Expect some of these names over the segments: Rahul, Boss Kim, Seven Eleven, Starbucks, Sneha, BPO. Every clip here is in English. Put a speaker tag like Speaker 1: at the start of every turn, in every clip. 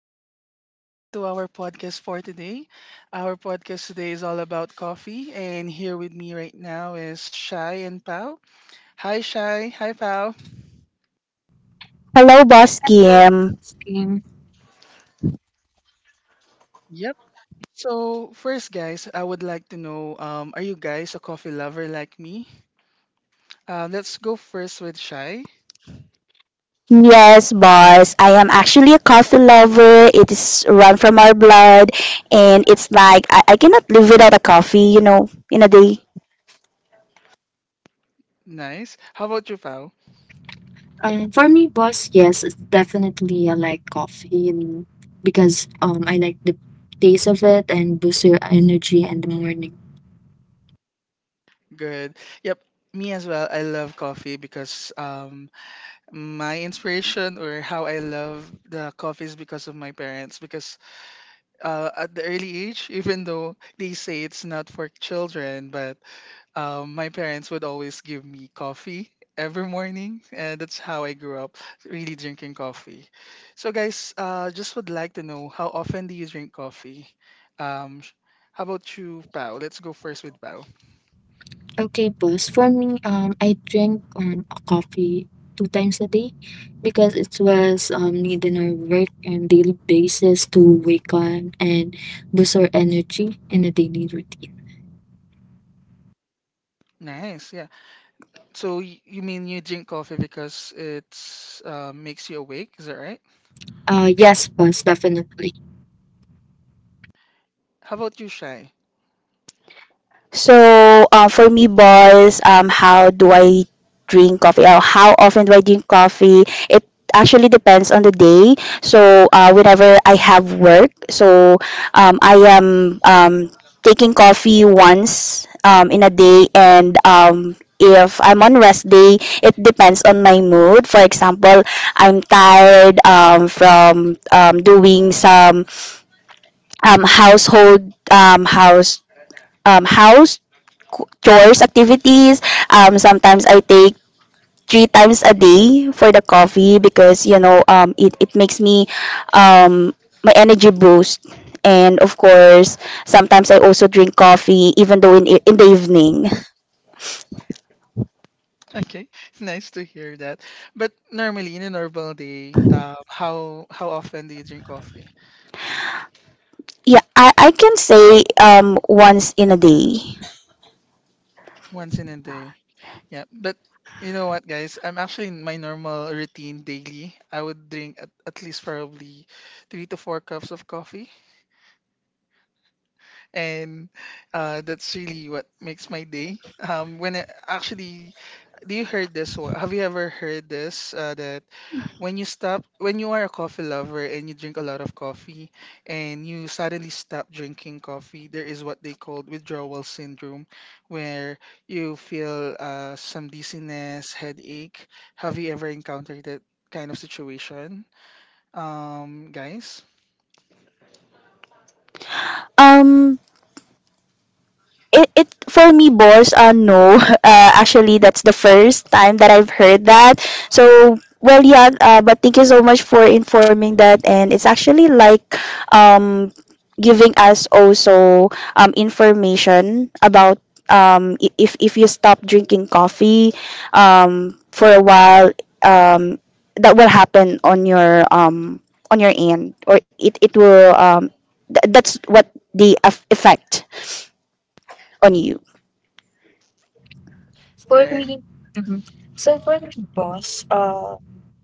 Speaker 1: everyone. Welcome to our podcast for today. Our podcast today is all about coffee, and here with me right now is Shai and Pau. Hi, Shai. Hi, Pau.
Speaker 2: Hello, Boss
Speaker 3: Right.
Speaker 2: Kim.
Speaker 3: Same.
Speaker 1: Yep. So, first, guys, I would like to know, are you guys a coffee lover like me? Let's go first with Shai.
Speaker 2: Yes, boss. I am actually a coffee lover. It is run from our blood, and it's like I cannot live without a coffee, in a day.
Speaker 1: Nice. How about you, Pau?
Speaker 3: For me, boss, yes, it's definitely I like coffee and because I like the taste of it and boosts your energy in the morning.
Speaker 1: Good. Yep. Me as well. I love coffee because my inspiration or how I love the coffee is because of my parents. Because at the early age, even though they say it's not for children, but my parents would always give me coffee every morning, and that's how I grew up really drinking coffee. So, guys, just would like to know, how often do you drink coffee? Um, sh- how about you, Pao? Let's go first with Pao.
Speaker 3: Okay, boss. For me, I drink a coffee two times a day because it was need in our work and daily basis to wake up and boost our energy in a daily routine.
Speaker 1: Nice, yeah. So you mean you drink coffee because it's makes you awake? Is that right?
Speaker 3: Yes, boss, definitely.
Speaker 1: How about you, Shy?
Speaker 2: So, for me, boys, how do I drink coffee? Or how often do I drink coffee? It actually depends on the day. So, whenever I have work, I am taking coffee once in a day, and if I'm on rest day, it depends on my mood. For example, I'm tired from doing some household house house chores activities. Sometimes I take three times a day for the coffee because it makes me um, my energy boost. And of course, sometimes I also drink coffee even though in the evening.
Speaker 1: Okay, nice to hear that. But normally in a normal day, how often do you drink coffee?
Speaker 2: Yeah, I can say once in a day.
Speaker 1: Once in a day. Yeah, but you know what, guys? I'm actually in my normal routine daily. I would drink at least probably three to four cups of coffee, and that's really what makes my day. When I, actually, do you heard this one? Have you ever heard this? That when you stop, when you are a coffee lover and you drink a lot of coffee, and you suddenly stop drinking coffee, there is what they call withdrawal syndrome, where you feel some dizziness, headache. Have you ever encountered that kind of situation, guys?
Speaker 2: Um, it, it For me, boss, no. Actually, that's the first time that I've heard that. But thank you so much for informing that, and it's actually like um giving us also information about if you stop drinking coffee for a while, um that will happen on your end, or it will that's what the effect on you.
Speaker 3: For
Speaker 1: Right.
Speaker 3: me, mhm. For me, boss.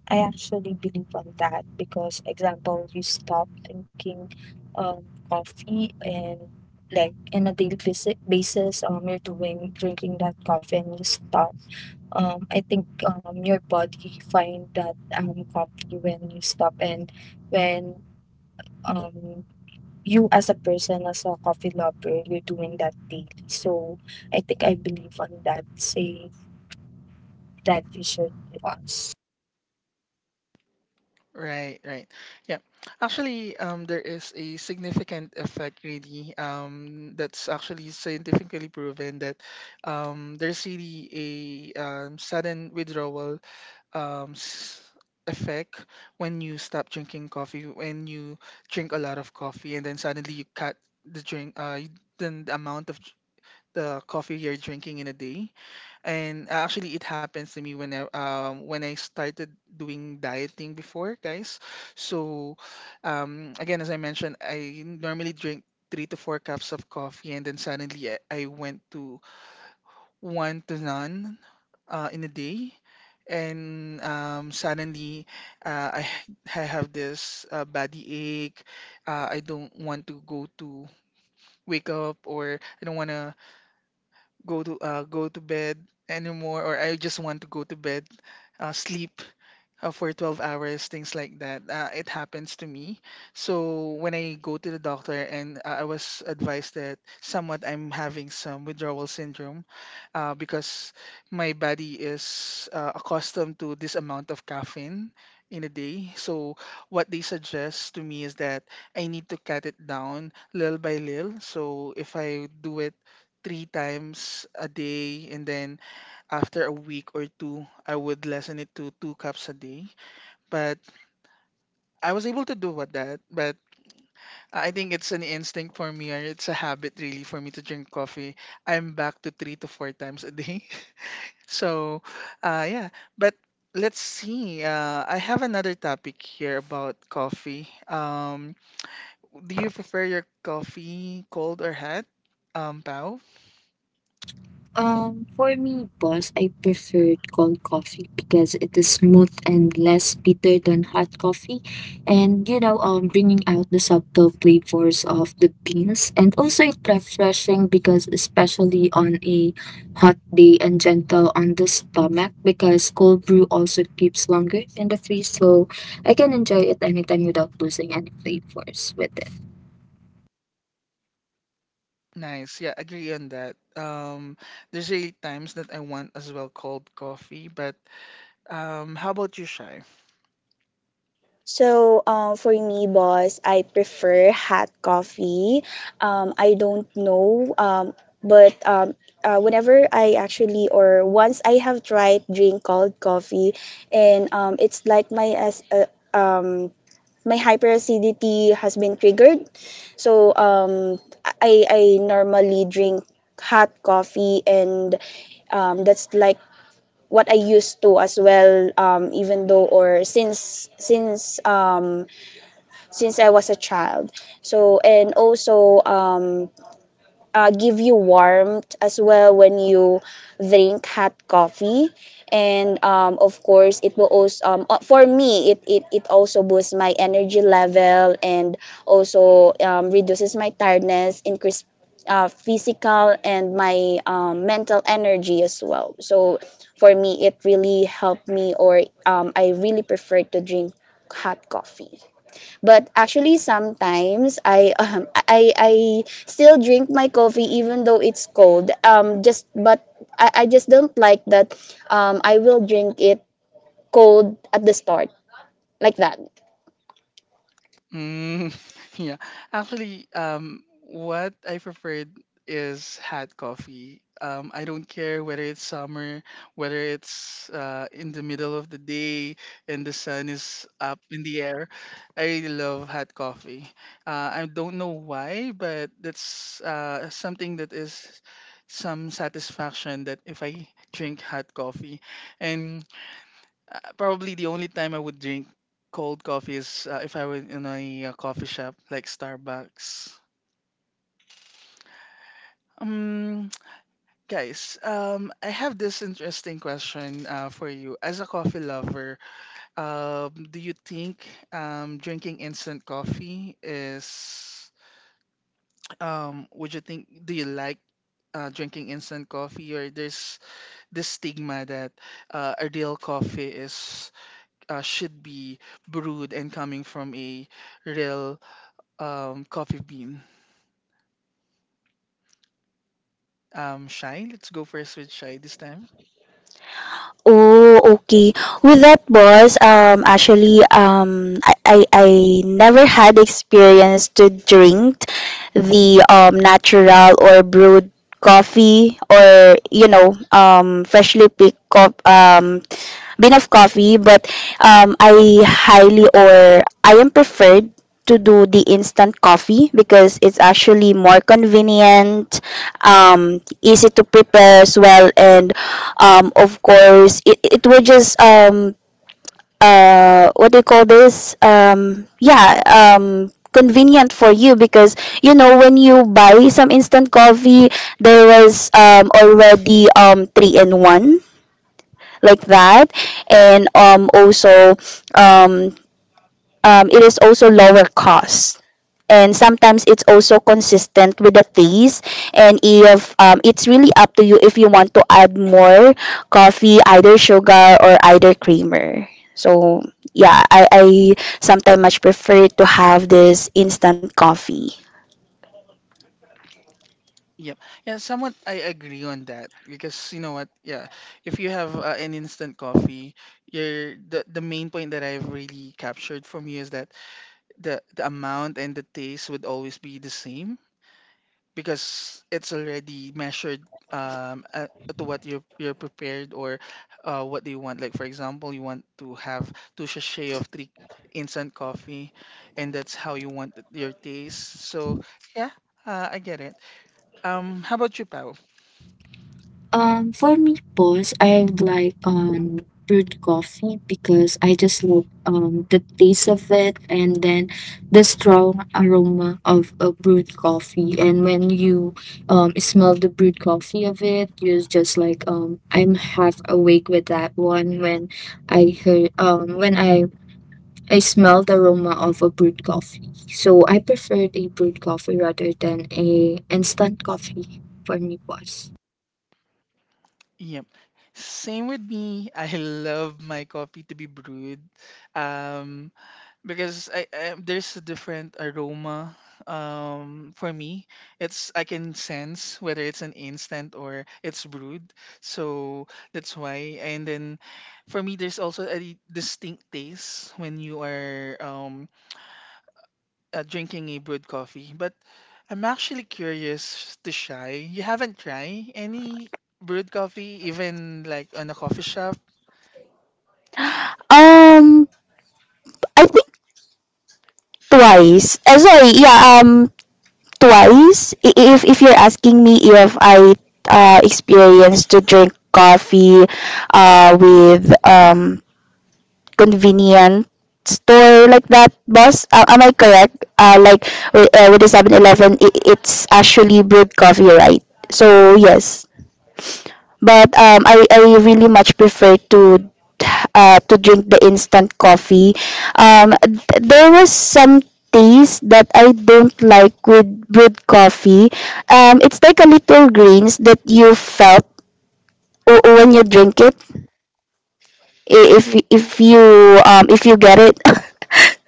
Speaker 3: I actually believe on that because, example, you stop drinking coffee and like in a daily basis, you're doing drinking that coffee and you stop. I think your body find that coffee when you stop and when um, you as a person, as a coffee lover, you're doing that daily. So I think I believe on that. Say that you should uh,
Speaker 1: Right, right. Yeah. Actually, there is a significant effect really, that's actually scientifically proven that there's really a sudden withdrawal um, s- effect when you stop drinking coffee, when you drink a lot of coffee and then suddenly you cut the drink, then the amount of the coffee you're drinking in a day. And actually, it happens to me when when I started doing dieting before, guys. So, again, as I mentioned, I normally drink three to four cups of coffee, and then suddenly I went to one to none in a day. And suddenly, I have this body ache. I don't want to go to wake up, or I don't want to go to go to bed anymore, or I just want to go to bed, sleep for 12 hours, things like that. It happens to me. So when I go to the doctor and I was advised that somewhat I'm having some withdrawal syndrome because my body is accustomed to this amount of caffeine in a day. So what they suggest to me is that I need to cut it down little by little. So if I do it three times a day and then after a week or two, I would lessen it to two cups a day, but I was able to do with that. But I think it's an instinct for me, or it's a habit really for me to drink coffee. I'm back to three to four times a day. So, yeah. But let's see. I have another topic here about coffee. Do you prefer your coffee cold or hot? Pao?
Speaker 3: for me, boss, I prefer cold coffee because it is smooth and less bitter than hot coffee. And, you know, bringing out the subtle flavors of the beans. And also, it's refreshing because, especially on a hot day and gentle on the stomach, because cold brew also keeps longer in the freeze. So I can enjoy it anytime without losing any flavors with it.
Speaker 1: Nice. Yeah, agree on that. There's really times that I want as well cold coffee, but how about you, Shy?
Speaker 2: So, for me, boss, I prefer hot coffee. I don't know, but whenever I actually or once I have tried drink cold coffee, and it's like my hyperacidity has been triggered. So I normally drink hot coffee, and that's like what I used to as well. Even though or since I was a child. So and also give you warmth as well when you drink hot coffee. And of course, it will also for me it also boosts my energy level and also reduces my tiredness, increase physical and my mental energy as well. So for me, it really helped me, or I really prefer to drink hot coffee. But actually, sometimes I still drink my coffee even though it's cold. Just but I just don't like that. I will drink it cold at the start like that.
Speaker 1: Mm, yeah. Actually, what I preferred is hot coffee. I don't care whether it's summer, whether it's in the middle of the day and the sun is up in the air. I really love hot coffee. I don't know why, but that's something that is some satisfaction that if I drink hot coffee. And probably the only time I would drink cold coffee is if I were in a coffee shop like Starbucks. Um, guys, I have this interesting question for you. As a coffee lover, do you think drinking instant coffee is, would you think, do you like drinking instant coffee, or there's this stigma that a real coffee is should be brewed and coming from a real coffee bean. Shy, let's go first with Shy this time.
Speaker 2: Oh, okay. With that, boss, actually, I never had experience to drink the natural or brewed coffee, or freshly picked bin of coffee, but I highly or I am preferred to do the instant coffee because it's actually more convenient, easy to prepare as well, and of course, it will just what do you call this? Yeah, convenient for you because you know when you buy some instant coffee, there was already three in one like that, and also um it is also lower cost, and sometimes it's also consistent with the taste. And if it's really up to you if you want to add more coffee, either sugar or either creamer. So I sometimes much prefer to have this instant coffee.
Speaker 1: Yep. Yeah, somewhat I agree on that because you know what? Yeah, if you have an instant coffee, you're the main point that I've really captured from you is that the amount and the taste would always be the same because it's already measured um uh, to what you're prepared, or what do you want. Like, for example, you want to have two sachet of three instant coffee, and that's how you want your taste. So yeah, I get it. How about you, Pao?
Speaker 3: For me, boss, I like brewed coffee because I just love the taste of it and then the strong aroma of a brewed coffee. And when you smell the brewed coffee of it, you're just like I'm half awake with that one when I heard when I smell the aroma of a brewed coffee. So I preferred a brewed coffee rather than a instant coffee for me, boss.
Speaker 1: Yep. Same with me. I love my coffee to be brewed. Um, because I there's a different aroma for me. It's I can sense whether it's an instant or it's brewed. So that's why. And then for me there's also a distinct taste when you are drinking a brewed coffee, but I'm actually curious to try. You haven't tried any brewed coffee, even like on a coffee shop?
Speaker 2: Um i think twice. Sorry, twice. If you're asking me if I experienced to drink coffee with convenient store like that, boss, am I correct? Like with the 7-Eleven, 11 it's actually brewed coffee, right? So yes. But I really much prefer to drink the instant coffee. There was some taste that I don't like with brewed coffee. It's like a little grains that you felt when you drink it. If you if you get it.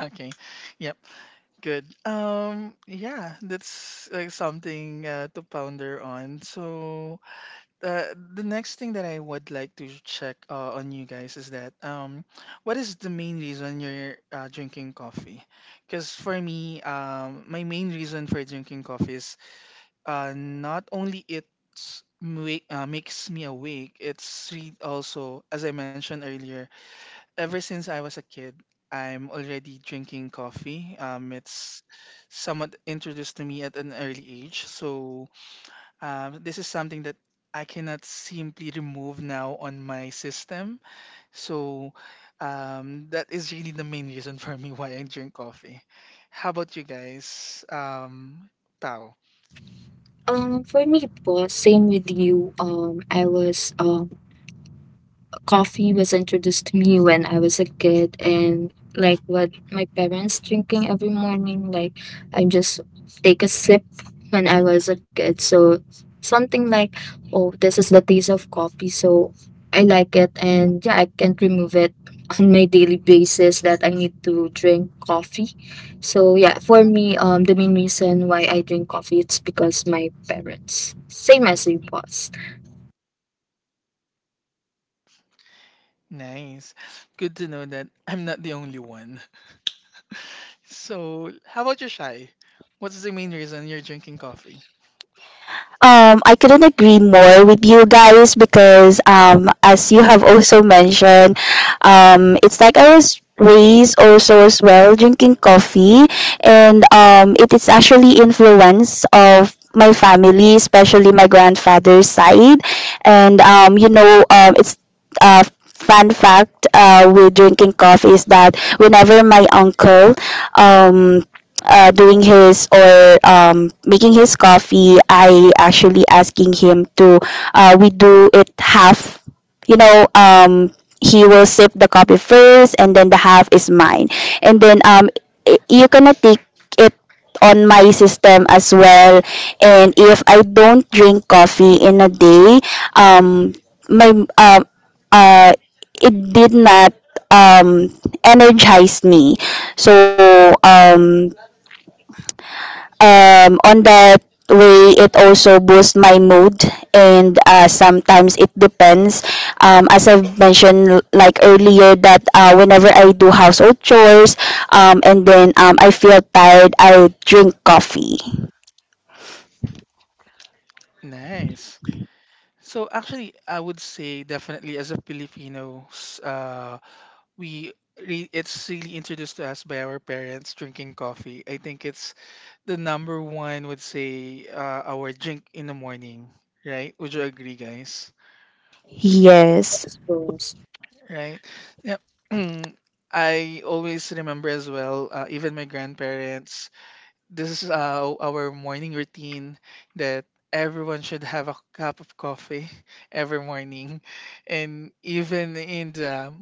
Speaker 1: Okay, yep, good. Yeah, that's like something to ponder on. So, uh, the next thing that I would like to check on you guys is that what is the main reason you're drinking coffee? Because for me, my main reason for drinking coffee is not only it's make, makes me awake, it's also, as I mentioned earlier, ever since I was a kid, I'm already drinking coffee. It's somewhat introduced to me at an early age. So this is something that I cannot simply remove now on my system. So that is really the main reason for me why I drink coffee. How about you guys? Pao?
Speaker 3: For me po, same with you. I was coffee was introduced to me when I was a kid and like what my parents drinking every morning like I just take a sip when I was a kid, so something like, oh, this is the taste of coffee, so I like it. And yeah, I can't remove it on my daily basis that I need to drink coffee. So yeah, for me, the main reason why I drink coffee it's because my parents same as you was
Speaker 1: Nice. Good to know that I'm not the only one. So, how about you, Shy? What's the main reason you're drinking coffee?
Speaker 2: I couldn't agree more with you guys because, as you have also mentioned, it's like I was raised also as well drinking coffee, and it is actually influence of my family, especially my grandfather's side. And it's uh, fun fact with drinking coffee is that whenever my uncle um doing his, or making his coffee, I actually asking him to we do it half. You know, he will sip the coffee first, and then the half is mine. And then you cannot take it on my system as well. And if I don't drink coffee in a day, um, my uh, it did not um energize me. So um on that way it also boosts my mood. And sometimes it depends, as I've mentioned like earlier, that whenever I do household chores, and then I feel tired, I drink coffee.
Speaker 1: Nice. So, actually, I would say definitely as a Filipinos, we it's really introduced to us by our parents drinking coffee. I think it's the number one would say our drink in the morning, right? Would you agree, guys?
Speaker 2: Yes.
Speaker 3: that's gross.
Speaker 1: Right? Yeah. I always remember as well, even my grandparents. This is our morning routine that everyone should have a cup of coffee every morning, and even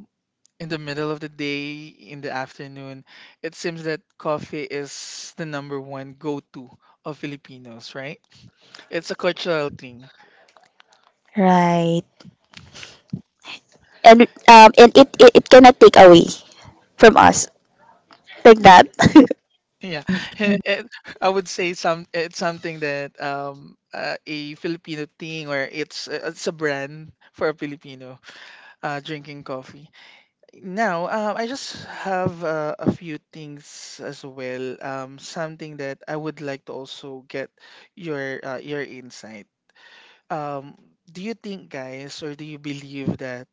Speaker 1: in the middle of the day, in the afternoon, it seems that coffee is the number one go-to of Filipinos, right? It's a cultural thing.
Speaker 2: Right. And it cannot take away from us like that.
Speaker 1: Yeah, and I would say some it's something that a Filipino thing, or it's a brand for a Filipino drinking coffee. Now, I just have a few things as well. Something that I would like to also get your insight. Um, do you think, guys, or do you believe that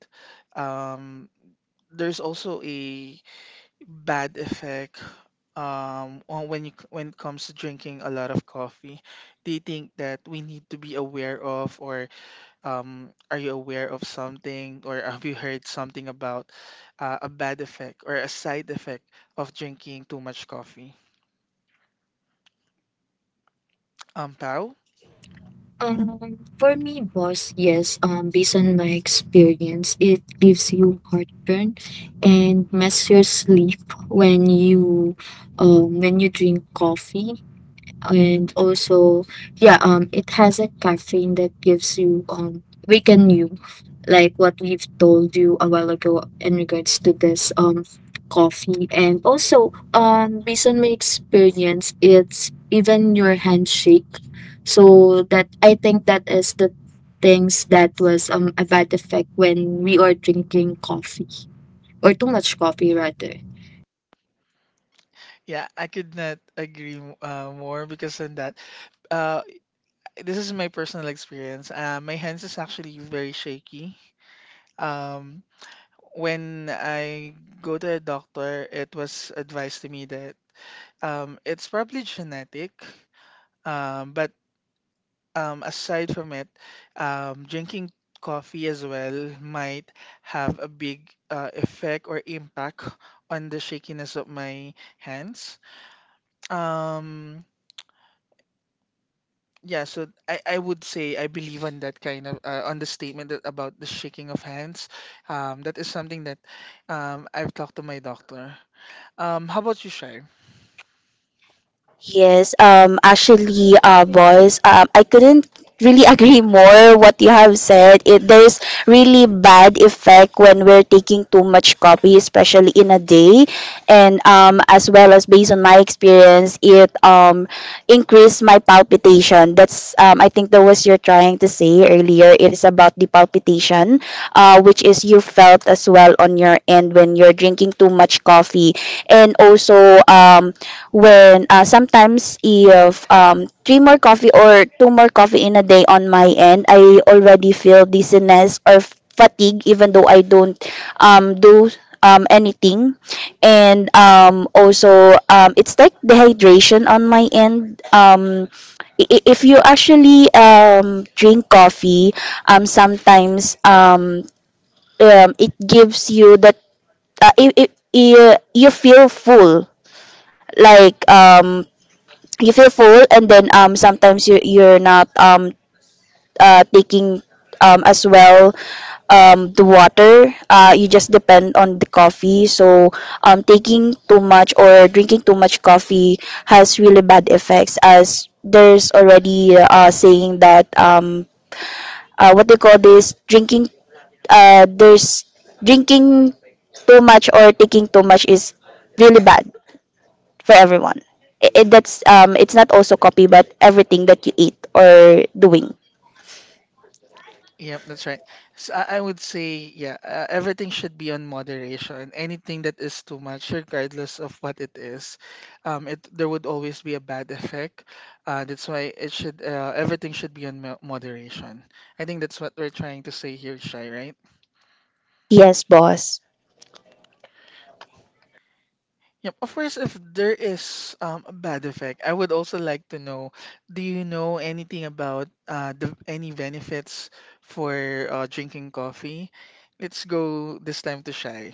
Speaker 1: um, there's also a bad effect on when you when it comes to drinking a lot of coffee? Do you think that we need to be aware of, or are you aware of something or have you heard something about a bad effect or a side effect of drinking too much coffee? Pao?
Speaker 3: Um, for me, boss, yes, based on my experience, it gives you heartburn and messes your sleep when you when you drink coffee. And also, yeah, it has a caffeine that gives you waken you, like what we've told you a while ago in regards to this coffee. And also, based on my experience, it's even your handshake. So that I think that is the things that was a bad effect when we are drinking coffee or too much coffee rather.
Speaker 1: Yeah, I could not agree more because on that, uh, this is my personal experience. My hands is actually very shaky. Um, when I go to a doctor, it was advised to me that it's probably genetic. But aside from it, drinking coffee as well might have a big effect or impact on the shakiness of my hands. Um, yeah, so I would say I believe on that kind of on the statement that, about the shaking of hands. That is something that I've talked to my doctor. How about you, Shai?
Speaker 2: Yes, boys, I couldn't really agree more what you have said. It, there's really bad effect when we're taking too much coffee, especially in a day. And as well as based on my experience, it increased my palpitation. That's I think that was you're trying to say earlier. It is about the palpitation, which is you felt as well on your end when you're drinking too much coffee. And also when sometimes if three more coffee or two more coffee in a day on my end, I already feel dizziness or fatigue, even though I don't do anything. And it's like dehydration on my end. If you actually drink coffee, sometimes it gives you that you feel full, like um you feel full, and then sometimes you're not taking as well the water. You just depend on the coffee. So taking too much or drinking too much coffee has really bad effects, as there's already saying that what they call this drinking, there's drinking too much or taking too much is really bad for everyone. It that's it's not also copy but everything that you eat or doing.
Speaker 1: Yep, that's right. So I would say, yeah, everything should be on moderation. Anything that is too much, regardless of what it is, it there would always be a bad effect. That's why it should, everything should be on moderation. I think that's what we're trying to say here, Shai, right?
Speaker 2: Yes, boss.
Speaker 1: Yep. Of course, if there is a bad effect, I would also like to know, do you know anything about the any benefits for drinking coffee? Let's go this time to Shai.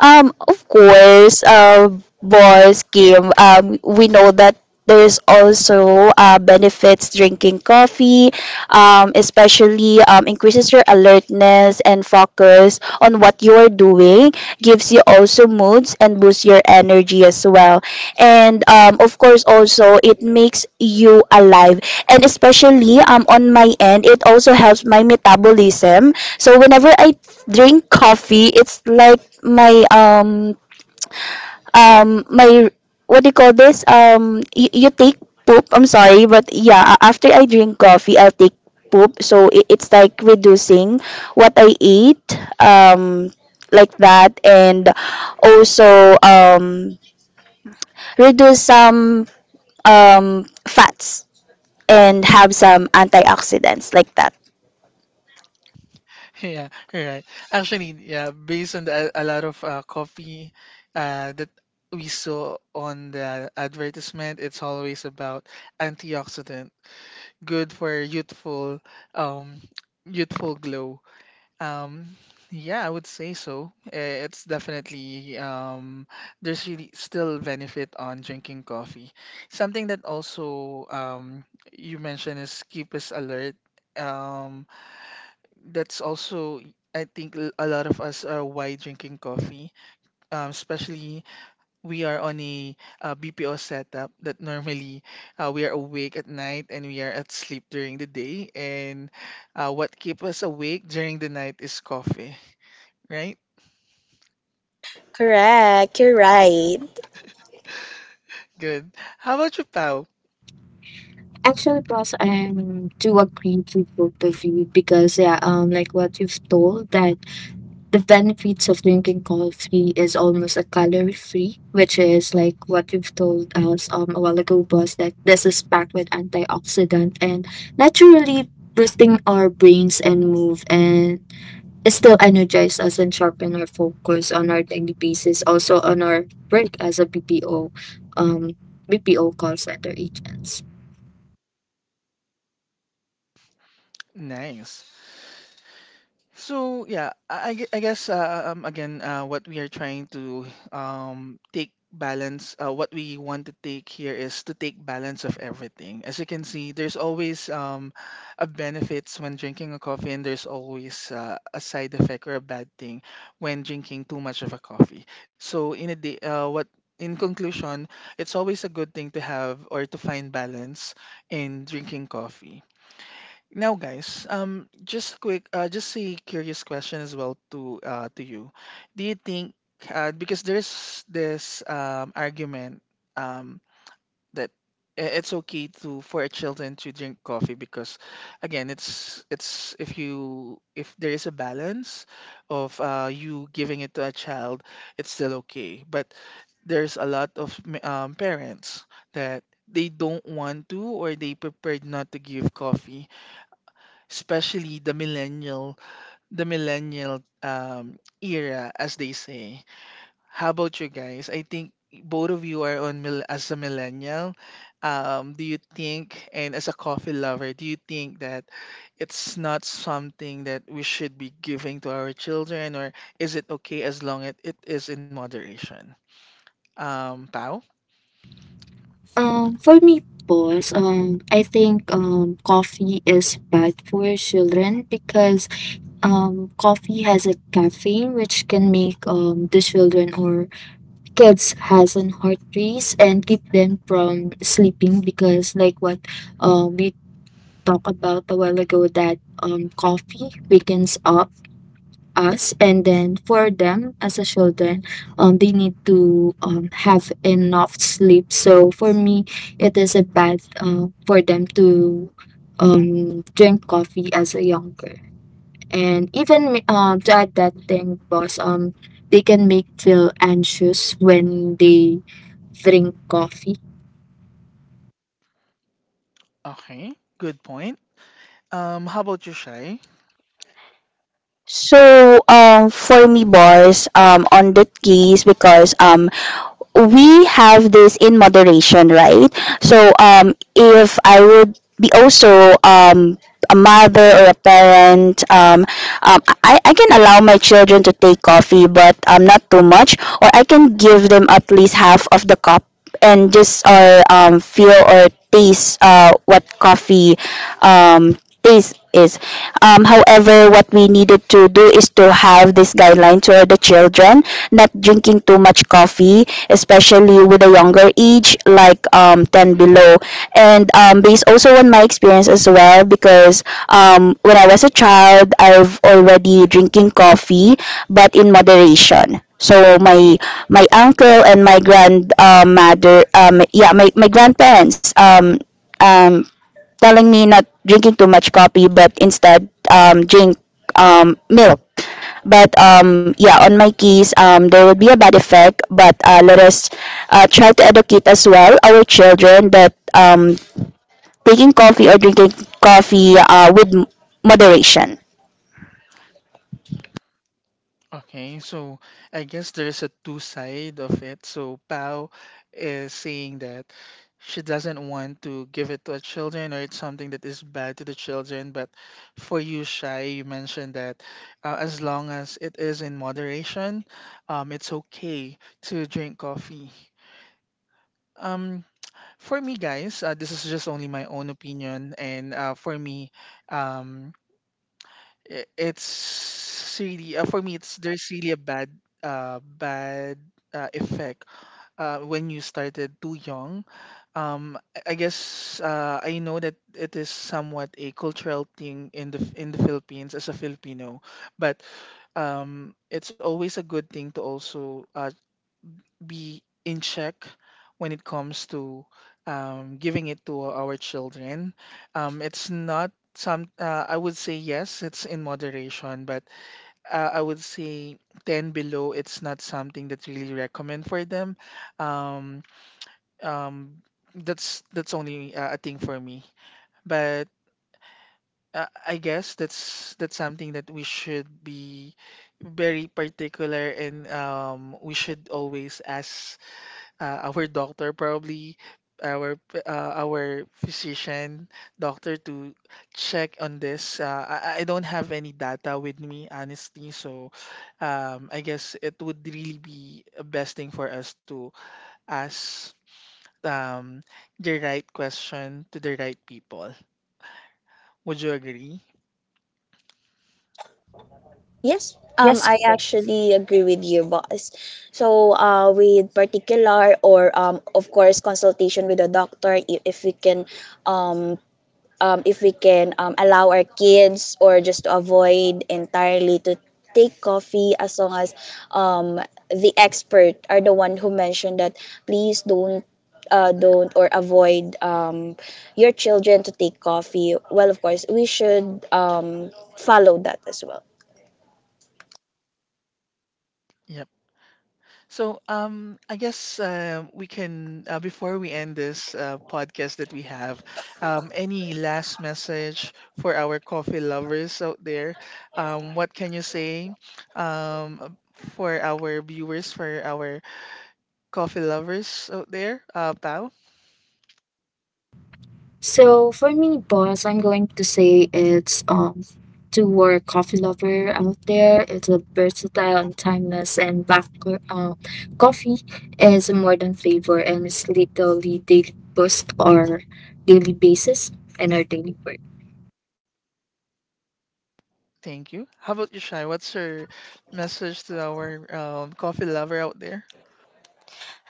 Speaker 2: Of course, boss Kim. We know that there's also benefits drinking coffee, especially increases your alertness and focus on what you're doing, gives you also moods and boosts your energy as well. And of course, also it makes you alive. And especially on my end, it also helps my metabolism. So whenever I drink coffee, it's like my what do you call this, you you take poop. I'm sorry. But yeah, after I drink coffee, I'll take poop. So it's like reducing what I eat, like that. And also reduce some fats and have some antioxidants like that.
Speaker 1: Yeah, right. Actually, yeah, based on a lot of coffee that we saw on the advertisement, it's always about antioxidant, good for um, youthful glow. Um, yeah, I would say so. It's definitely there's really still benefit on drinking coffee. Something that also you mentioned is keep us alert. Um, that's also I think a lot of us are why drinking coffee. Especially we are on a BPO setup that normally we are awake at night and we are at sleep during the day. And what keep us awake during the night is coffee, right?
Speaker 2: Correct. You're right.
Speaker 1: Good. How about you, Pal?
Speaker 3: Actually, boss, I'm do agree with both of you because yeah, like what you've told that the benefits of drinking coffee is almost a calorie free, which is like what you've told us a while ago, boss, that this is packed with antioxidant and naturally boosting our brains and move, and it still energize us and sharpen our focus on our daily basis, also on our work as a um, BPO call center agents.
Speaker 1: Nice. So yeah, I guess again, what we are trying to take balance, what we want to take here is to take balance of everything. As you can see, there's always a benefits when drinking a coffee, and there's always a side effect or a bad thing when drinking too much of a coffee. So in a day, what in conclusion, it's always a good thing to have or to find balance in drinking coffee. Now, guys, just quick, just a curious question as well to you. Do you think because there's this argument, um, that it's okay to for children to drink coffee because again, it's if you if there is a balance of you giving it to a child, it's still okay. But there's a lot of parents that they don't want to or they prepared not to give coffee, especially the millennial, the millennial era as they say. How about you guys? I think both of you are on as a millennial. Do you think, and as a coffee lover, do you think that it's not something that we should be giving to our children, or is it okay as long as it is in moderation, Pao?
Speaker 3: For me, boys. I think coffee is bad for children because coffee has a caffeine which can make the children or kids has an heart race and keep them from sleeping because like what we talked about a while ago, that coffee wakens up us. And then for them as a children, they need to have enough sleep. So for me, it is a bad for them to drink coffee as a younger. And even to add that thing, boss, they can make feel anxious when they drink coffee.
Speaker 1: Okay, good point. Um, how about you, shy
Speaker 2: So, for me, boss, on that case, because we have this in moderation, right? So, if I would be also a mother or a parent, I can allow my children to take coffee, but not too much, or I can give them at least half of the cup and just or feel or taste what coffee taste is. However, what we needed to do is to have this guideline to the children not drinking too much coffee, especially with a younger age, like 10 below. And based also on my experience as well, because when I was a child, I've already drinking coffee, but in moderation. So my uncle and my grand mother, my grandparents um, telling me not drinking too much coffee, but instead drink milk. But yeah, on my keys, there would be a bad effect. But let us try to educate as well our children that taking coffee or drinking coffee with moderation.
Speaker 1: Okay, so I guess there's a two side of it. So Pao is saying that she doesn't want to give it to her children or it's something that is bad to the children. But for you, Shai, you mentioned that as long as it is in moderation, it's okay to drink coffee. Um, for me, guys, this is just only my own opinion, and for me, um, it's really for me it's there's really a bad effect when you started too young. I guess I know that it is somewhat a cultural thing in the philippines as a filipino, but it's always a good thing to also be in check when it comes to giving it to our children. It's not some, I would say yes, it's in moderation, but I would say 10 below, it's not something that really recommend for them. Um, um, that's that's only a thing for me. But I guess that's something that we should be very particular, and we should always ask our doctor, probably our our physician doctor, to check on this. I don't have any data with me, honestly, so I guess it would really be a best thing for us to ask um, the right question to the right people. Would you agree?
Speaker 2: Yes,
Speaker 3: Yes,
Speaker 2: I
Speaker 3: boss.
Speaker 2: actually agree with you, boss. So, with particular or of course, consultation with a doctor if we can allow our kids, or just to avoid entirely to take coffee, as long as um, the expert are the one who mentioned that please don't or avoid your children to take coffee, well of course we should follow that as well.
Speaker 1: Yeah. So, I guess we can, before we end this podcast that we have, any last message for our coffee lovers out there? What can you say, um, for our viewers, for our coffee lovers out there? Pao,
Speaker 3: So for me, boss, I'm going to say it's to our coffee lover out there. It's a versatile and timeless, and coffee is a modern flavor and it's literally daily boost our daily basis and our daily work.
Speaker 1: thank you. How about you, Shai? What's your message to our coffee lover out there?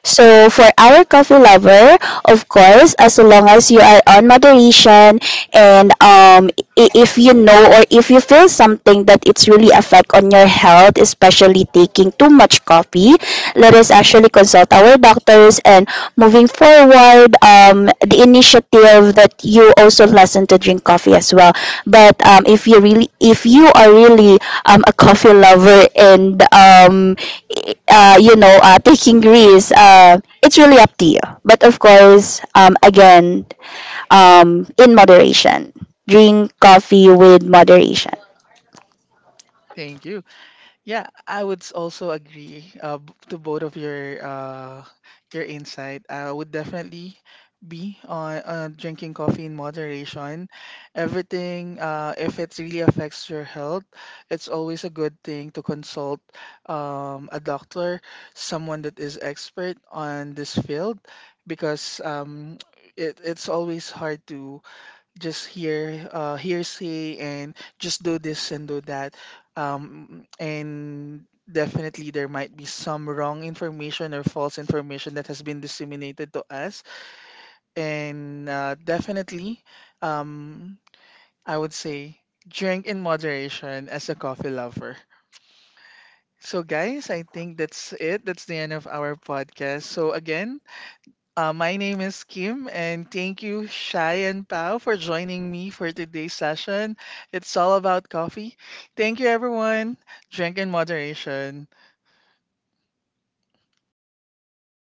Speaker 2: So for our coffee lover, of course, as long as you are on moderation, and if you know or if you feel something that it's really affect on your health, especially taking too much coffee, let us actually consult our doctors and moving forward toward the initiative that you also lessen to drink coffee as well. But if you really, if you are really a coffee lover, and you know taking risks, it's really up to you. But of course, again, in moderation. Drink coffee with moderation.
Speaker 1: Thank you. Yeah, I would also agree to both of your insight. I would definitely be on drinking coffee in moderation. Everything, if it really affects your health, it's always a good thing to consult a doctor, someone that is expert on this field, because it's always hard to just hear hearsay and just do this and do that. And definitely there might be some wrong information or false information that has been disseminated to us. And definitely, um, I would say drink in moderation as a coffee lover. So, guys, I think that's it. That's the end of our podcast. So, again, my name is Kim, and thank you, Shai and Pao, for joining me for today's session. It's all about coffee. Thank you, everyone. Drink in moderation.